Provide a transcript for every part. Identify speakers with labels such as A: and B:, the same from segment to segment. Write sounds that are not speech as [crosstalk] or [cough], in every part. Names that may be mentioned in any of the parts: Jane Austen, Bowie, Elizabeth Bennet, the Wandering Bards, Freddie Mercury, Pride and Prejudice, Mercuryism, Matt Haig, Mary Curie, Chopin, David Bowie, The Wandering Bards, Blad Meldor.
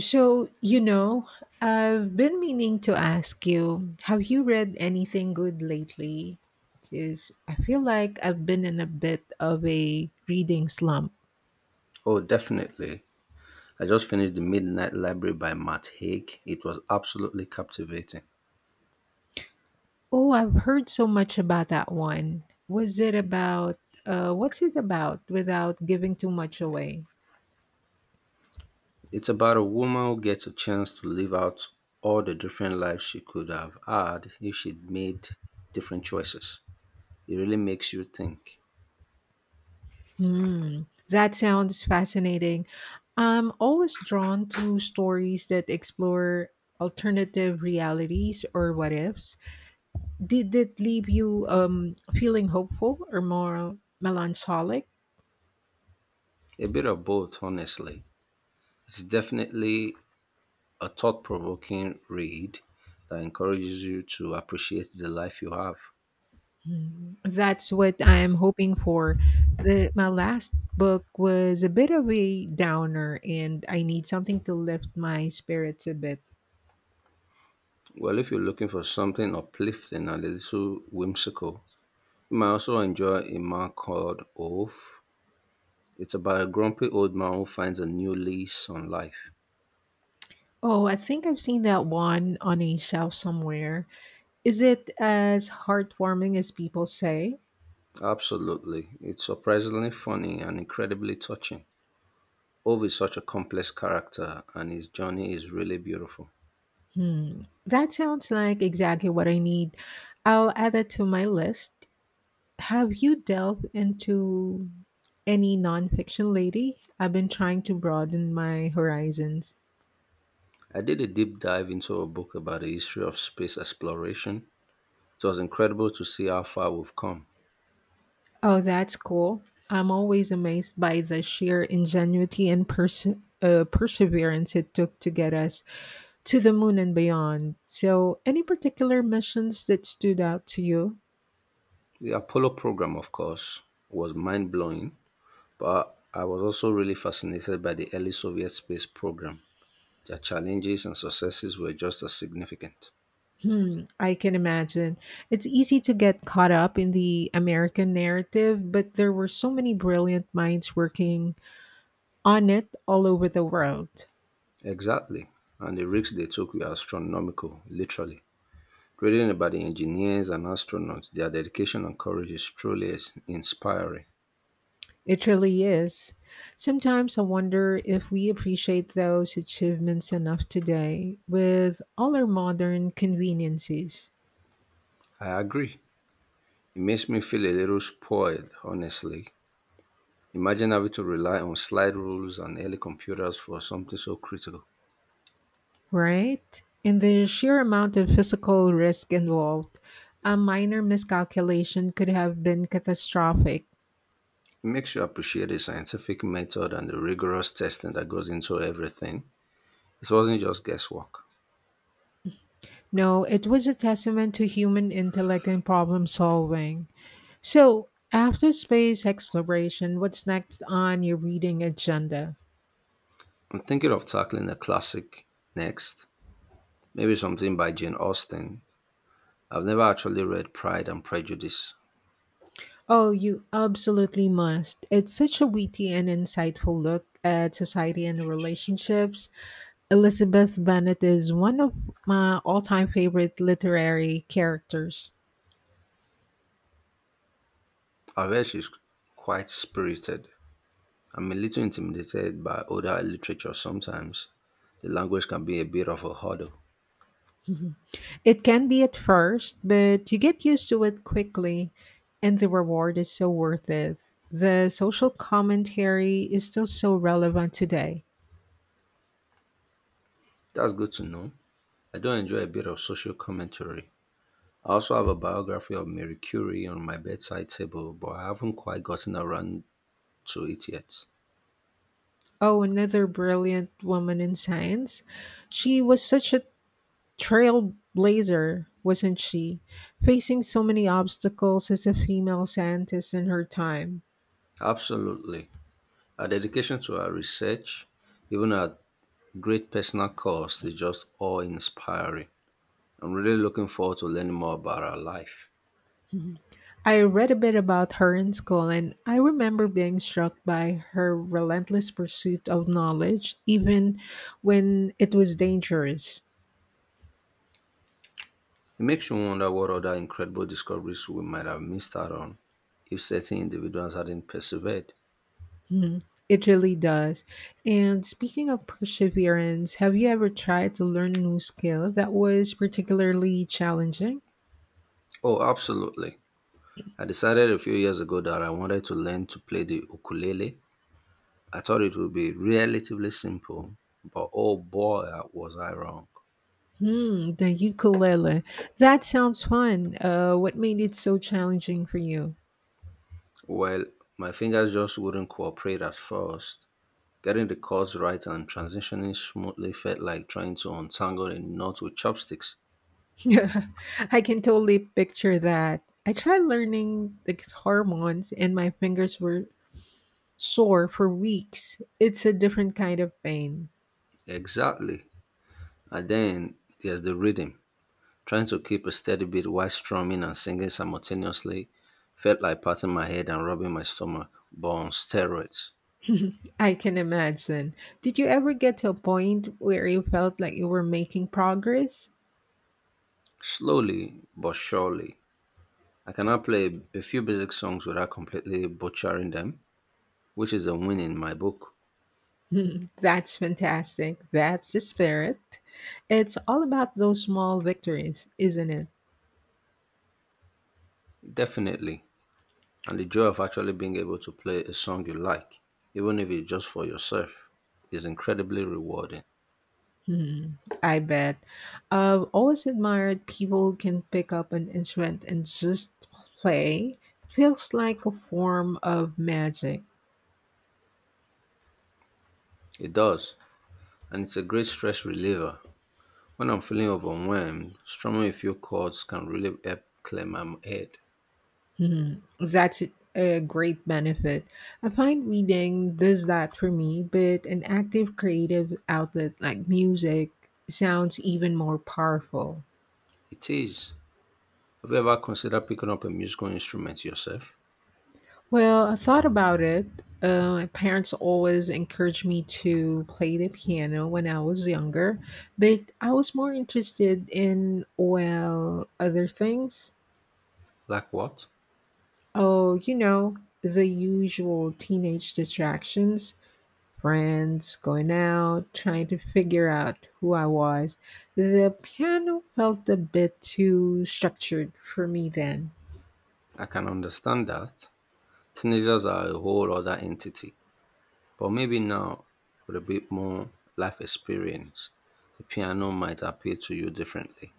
A: So, you know, I've been meaning to ask you, have you read anything good lately? Because I feel like I've been in a bit of a reading slump.
B: Oh, definitely. I just finished The Midnight Library by Matt Haig. It was absolutely captivating.
A: Oh, I've heard so much about that one. Was it about, what's it about without giving too much away?
B: It's about a woman who gets a chance to live out all the different lives she could have had if she'd made different choices. It really makes you think.
A: Hmm, that sounds fascinating. I'm always drawn to stories that explore alternative realities or what ifs. Did it leave you feeling hopeful or more melancholic?
B: A bit of both, honestly. It's definitely a thought provoking read that encourages you to appreciate the life you have.
A: Mm, that's what I'm hoping for. My last book was a bit of a downer, and I need something to lift my spirits a bit.
B: Well, if you're looking for something uplifting and a little whimsical, you might also enjoy A Man Called Oaf. It's about a grumpy old man who finds a new lease on life.
A: Oh, I think I've seen that one on a shelf somewhere. Is it as heartwarming as people say?
B: Absolutely. It's surprisingly funny and incredibly touching. Ove is such a complex character and his journey is really beautiful.
A: Hmm. That sounds like exactly what I need. I'll add it to my list. Have you delved into any nonfiction lady? I've been trying to broaden my horizons.
B: I did a deep dive into a book about the history of space exploration. It was incredible to see how far we've come.
A: Oh, that's cool. I'm always amazed by the sheer ingenuity and perseverance it took to get us to the moon and beyond. So, any particular missions that stood out to you?
B: The Apollo program, of course, was mind blowing, but I was also really fascinated by the early Soviet space program. Their challenges and successes were just as significant.
A: Hmm, I can imagine. It's easy to get caught up in the American narrative, but there were so many brilliant minds working on it all over the world.
B: Exactly. And the risks they took were astronomical, literally. Reading about the engineers and astronauts, their dedication and courage is truly inspiring.
A: It really is. Sometimes I wonder if we appreciate those achievements enough today with all our modern conveniences,
B: I agree. It makes me feel a little spoiled, honestly. Imagine having to rely on slide rules and early computers for something so critical.
A: right? And the sheer amount of physical risk involved, a minor miscalculation could have been catastrophic.
B: It makes you appreciate the scientific method and the rigorous testing that goes into everything. It wasn't just guesswork.
A: No, it was a testament to human intellect and problem solving. So, after space exploration, what's next on your reading agenda?
B: I'm thinking of tackling a classic next, maybe something by Jane Austen. I've never actually read Pride and Prejudice.
A: Oh, you absolutely must. It's such a witty and insightful look at society and relationships. Elizabeth Bennet is one of my all time favorite literary characters.
B: I've she's quite spirited. I'm a little intimidated by older literature sometimes. The language can be a bit of a hurdle.
A: It can be at first, but you get used to it quickly, and the reward is so worth it. The social commentary is still so relevant today.
B: That's good to know. I do enjoy a bit of social commentary. I also have a biography of Mary Curie on my bedside table, but I haven't quite gotten around to it yet.
A: Oh, another brilliant woman in science. She was such a trailblazer, wasn't she? Facing so many obstacles as a female scientist in her time.
B: Absolutely. Her dedication to her research, even at great personal cost, is just awe inspiring. I'm really looking forward to learning more about her life.
A: I read a bit about her in school, and I remember being struck by her relentless pursuit of knowledge, even when it was dangerous.
B: It makes you wonder what other incredible discoveries we might have missed out on if certain individuals hadn't persevered.
A: Hmm, it really does. And speaking of perseverance, have you ever tried to learn a new skill that was particularly challenging?
B: Oh, absolutely. I decided a few years ago that I wanted to learn to play the ukulele. I thought it would be relatively simple, but oh boy, was I wrong.
A: Hmm, the ukulele. That sounds fun. What made it so challenging for you?
B: Well, my fingers just wouldn't cooperate at first. Getting the chords right and transitioning smoothly felt like trying to untangle a knot with chopsticks.
A: [laughs] I can totally picture that. I tried learning the guitar once and my fingers were sore for weeks. It's a different kind of pain.
B: Exactly. And then there's the rhythm. Trying to keep a steady beat while strumming and singing simultaneously felt like patting my head and rubbing my stomach, but on steroids.
A: I can imagine. Did you ever get to a point where you felt like you were making progress? [laughs]
B: Slowly but surely, I can now play a few basic songs without completely butchering them, which is a win in my book.
A: Hmm, that's fantastic. That's the spirit. It's all about those small victories, isn't it?
B: Definitely. And the joy of actually being able to play a song you like, even if it's just for yourself, is incredibly rewarding.
A: Hmm, I bet. I've always admired people who can pick up an instrument and just play. It feels like a form of magic.
B: It does, and it's a great stress reliever. When I'm feeling overwhelmed, strumming a few chords can really help clear my head.
A: Hmm, that's a great benefit. I find reading does that for me, but an active creative outlet like music sounds even more powerful.
B: It is. Have you ever considered picking up a musical instrument yourself?
A: Well, I thought about it. My parents always encouraged me to play the piano when I was younger, but I was more interested in, well, other things.
B: Like what?
A: Oh, you know, the usual teenage distractions, friends, going out, trying to figure out who I was. The piano felt a bit too structured for me then.
B: I can understand that. Teenagers are a whole other entity. But maybe now, with a bit more life experience, the piano might appeal to you differently.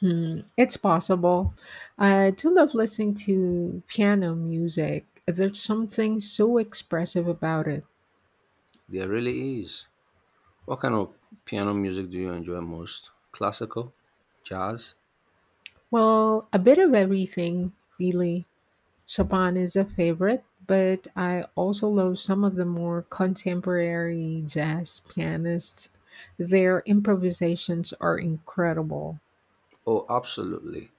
A: Hmm, it's possible. I do love listening to piano music. There's something so expressive about it.
B: There really is. What kind of piano music do you enjoy most? Classical? Jazz?
A: Well, a bit of everything, really. Chopin is a favorite, but I also love some of the more contemporary jazz pianists. Their improvisations are incredible.
B: Oh, absolutely.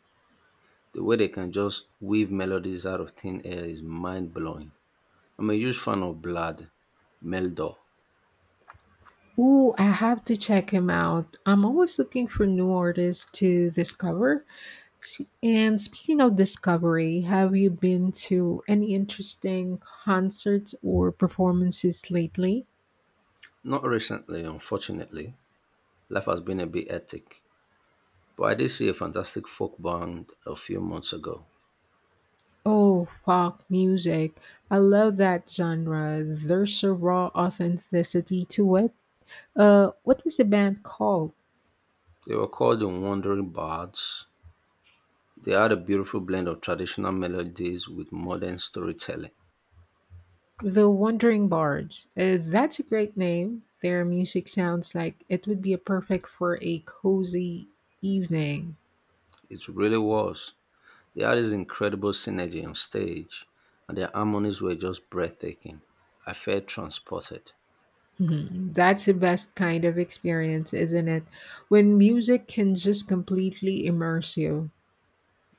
B: The way they can just weave melodies out of thin air is mind blowing. I'm a huge fan of Blad Meldor.
A: Ooh, I have to check him out. I'm always looking for new artists to discover. And speaking of discovery, have you been to any interesting concerts or performances lately?
B: Not recently, unfortunately. Life has been a bit hectic. But I did see a fantastic folk band a few months ago.
A: Oh, folk music. I love that genre. There's a raw authenticity to it. What was the band called?
B: They were called the Wandering Bards. They had a beautiful blend of traditional melodies with modern storytelling.
A: The Wandering Bards. That's a great name. Their music sounds like it would be a perfect for a cozy evening.
B: It really was. They had this incredible synergy on stage, and their harmonies were just breathtaking. I felt transported.
A: Mhm. That's the best kind of experience, isn't it? When music can just completely immerse you.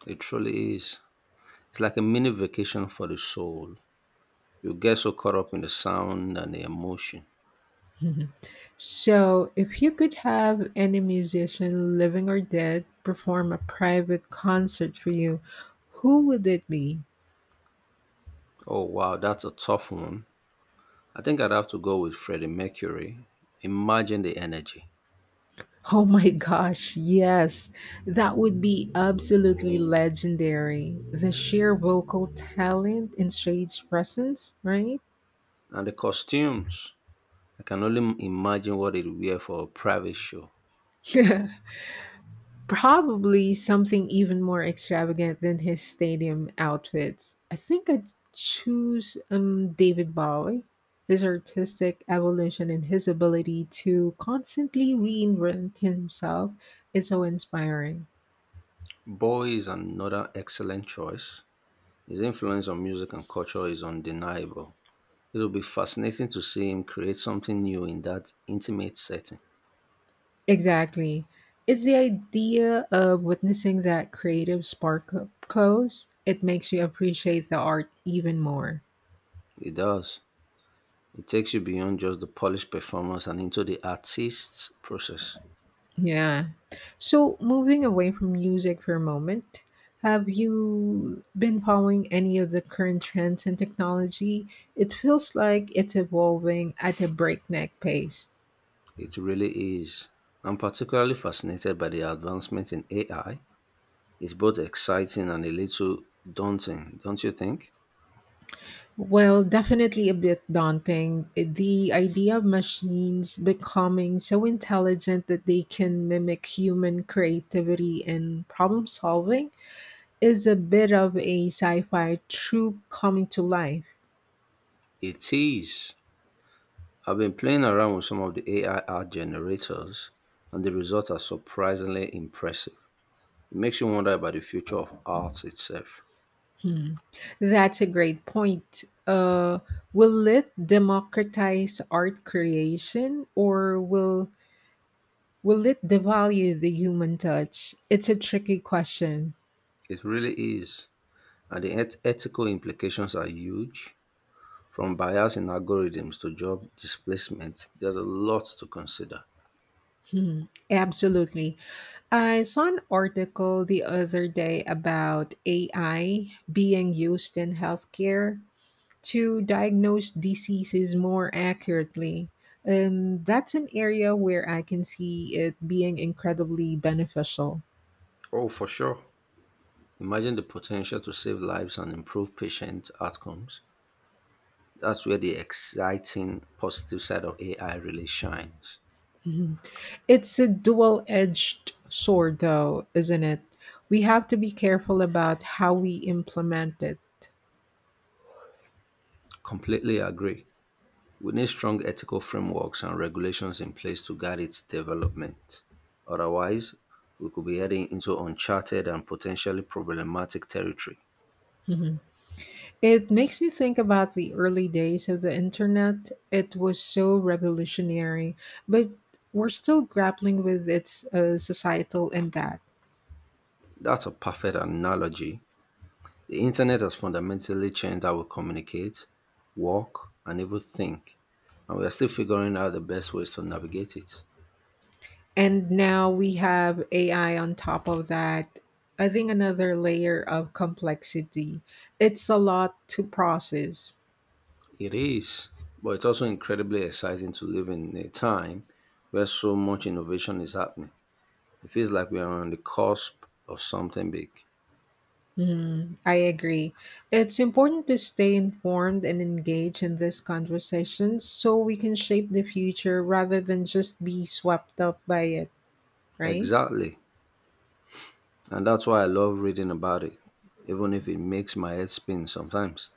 B: It truly is. It's like a mini vacation for the soul. You get so caught up in the sound and the emotion.
A: Mhm. So, if you could have any musician, living or dead, perform a private concert for you, who would it be?
B: Oh wow, that's a tough one. I think I'd have to go with Freddie Mercury. Imagine the energy
A: Oh my gosh, yes. That would be absolutely legendary. The sheer vocal talent and stage presence, right?
B: and the costumes. I can only imagine what he'd wear for a private show.
A: [laughs] Probably something even more extravagant than his stadium outfits. I think I'd choose David Bowie. His artistic evolution and his ability to constantly reinvent himself is so inspiring.
B: Bowie is another excellent choice. His influence on music and culture is undeniable. It will be fascinating to see him create something new in that intimate setting.
A: Exactly. It's the idea of witnessing that creative spark up close. It makes you appreciate the art even more.
B: He does. It takes you beyond just the polished performance and into the artist's process.
A: Yeah. So, moving away from music for a moment, have you been following any of the current trends in technology? It feels like it's evolving at a breakneck pace.
B: It really is. I'm particularly fascinated by the advancement in AI. It's both exciting and a little daunting, don't you think?
A: Well, definitely a bit daunting. The idea of machines becoming so intelligent that they can mimic human creativity and problem solving is a bit of a sci fi trope coming to life.
B: It is. I've been playing around with some of the AI art generators, and the results are surprisingly impressive. It makes you wonder about the future of art itself.
A: Hmm. That's a great point. Will it democratize art creation or will it devalue the human touch? It's a tricky question.
B: It really is. And the ethical implications are huge. From bias in algorithms to job displacement, there's a lot to consider.
A: Hmm. Absolutely. I saw an article the other day about AI being used in healthcare to diagnose diseases more accurately. And that's an area where I can see it being incredibly beneficial.
B: Oh, for sure. Imagine the potential to save lives and improve patient outcomes. That's where the exciting positive side of AI really shines.
A: Mhm. It's a dual edged sword, though, isn't it? We have to be careful about how we implement it.
B: Completely agree. We need strong ethical frameworks and regulations in place to guide its development. Otherwise, we could be heading into uncharted and potentially problematic territory.
A: Mhm. It makes me think about the early days of the internet. It was so revolutionary, but we're still grappling with its societal impact.
B: That's a perfect analogy. The internet has fundamentally changed how we communicate, work, and even think, and we are still figuring out the best ways to navigate it.
A: And now we have AI on top of that, adding another layer of complexity. It's a lot to process.
B: It is, but it's also incredibly exciting to live in a time where so much innovation is happening. It feels like we are on the cusp of something big.
A: Mhm, I agree. It's important to stay informed and engage in this conversation so we can shape the future rather than just be swept up by it, right?
B: Exactly, and that's why I love reading about it, even if it makes my head spin sometimes.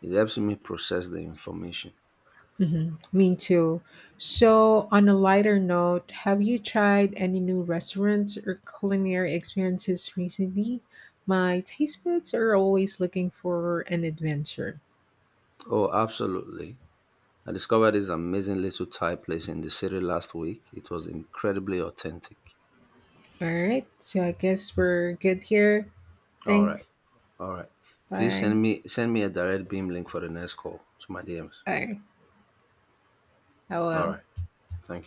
B: It helps me process the information.
A: Mhm, me too. So, on a lighter note, have you tried any new restaurants or culinary experiences recently? My taste buds are always looking for an adventure.
B: Oh, absolutely. I discovered this amazing little Thai place in the city last week. It was incredibly authentic.
A: All right, so I guess we're good here.
B: All right,
A: Thanks.
B: all right. Please
A: Bye.
B: send me a direct beam link for the next call to my DMs.
A: All right. I
B: All
A: will.
B: right, thank you.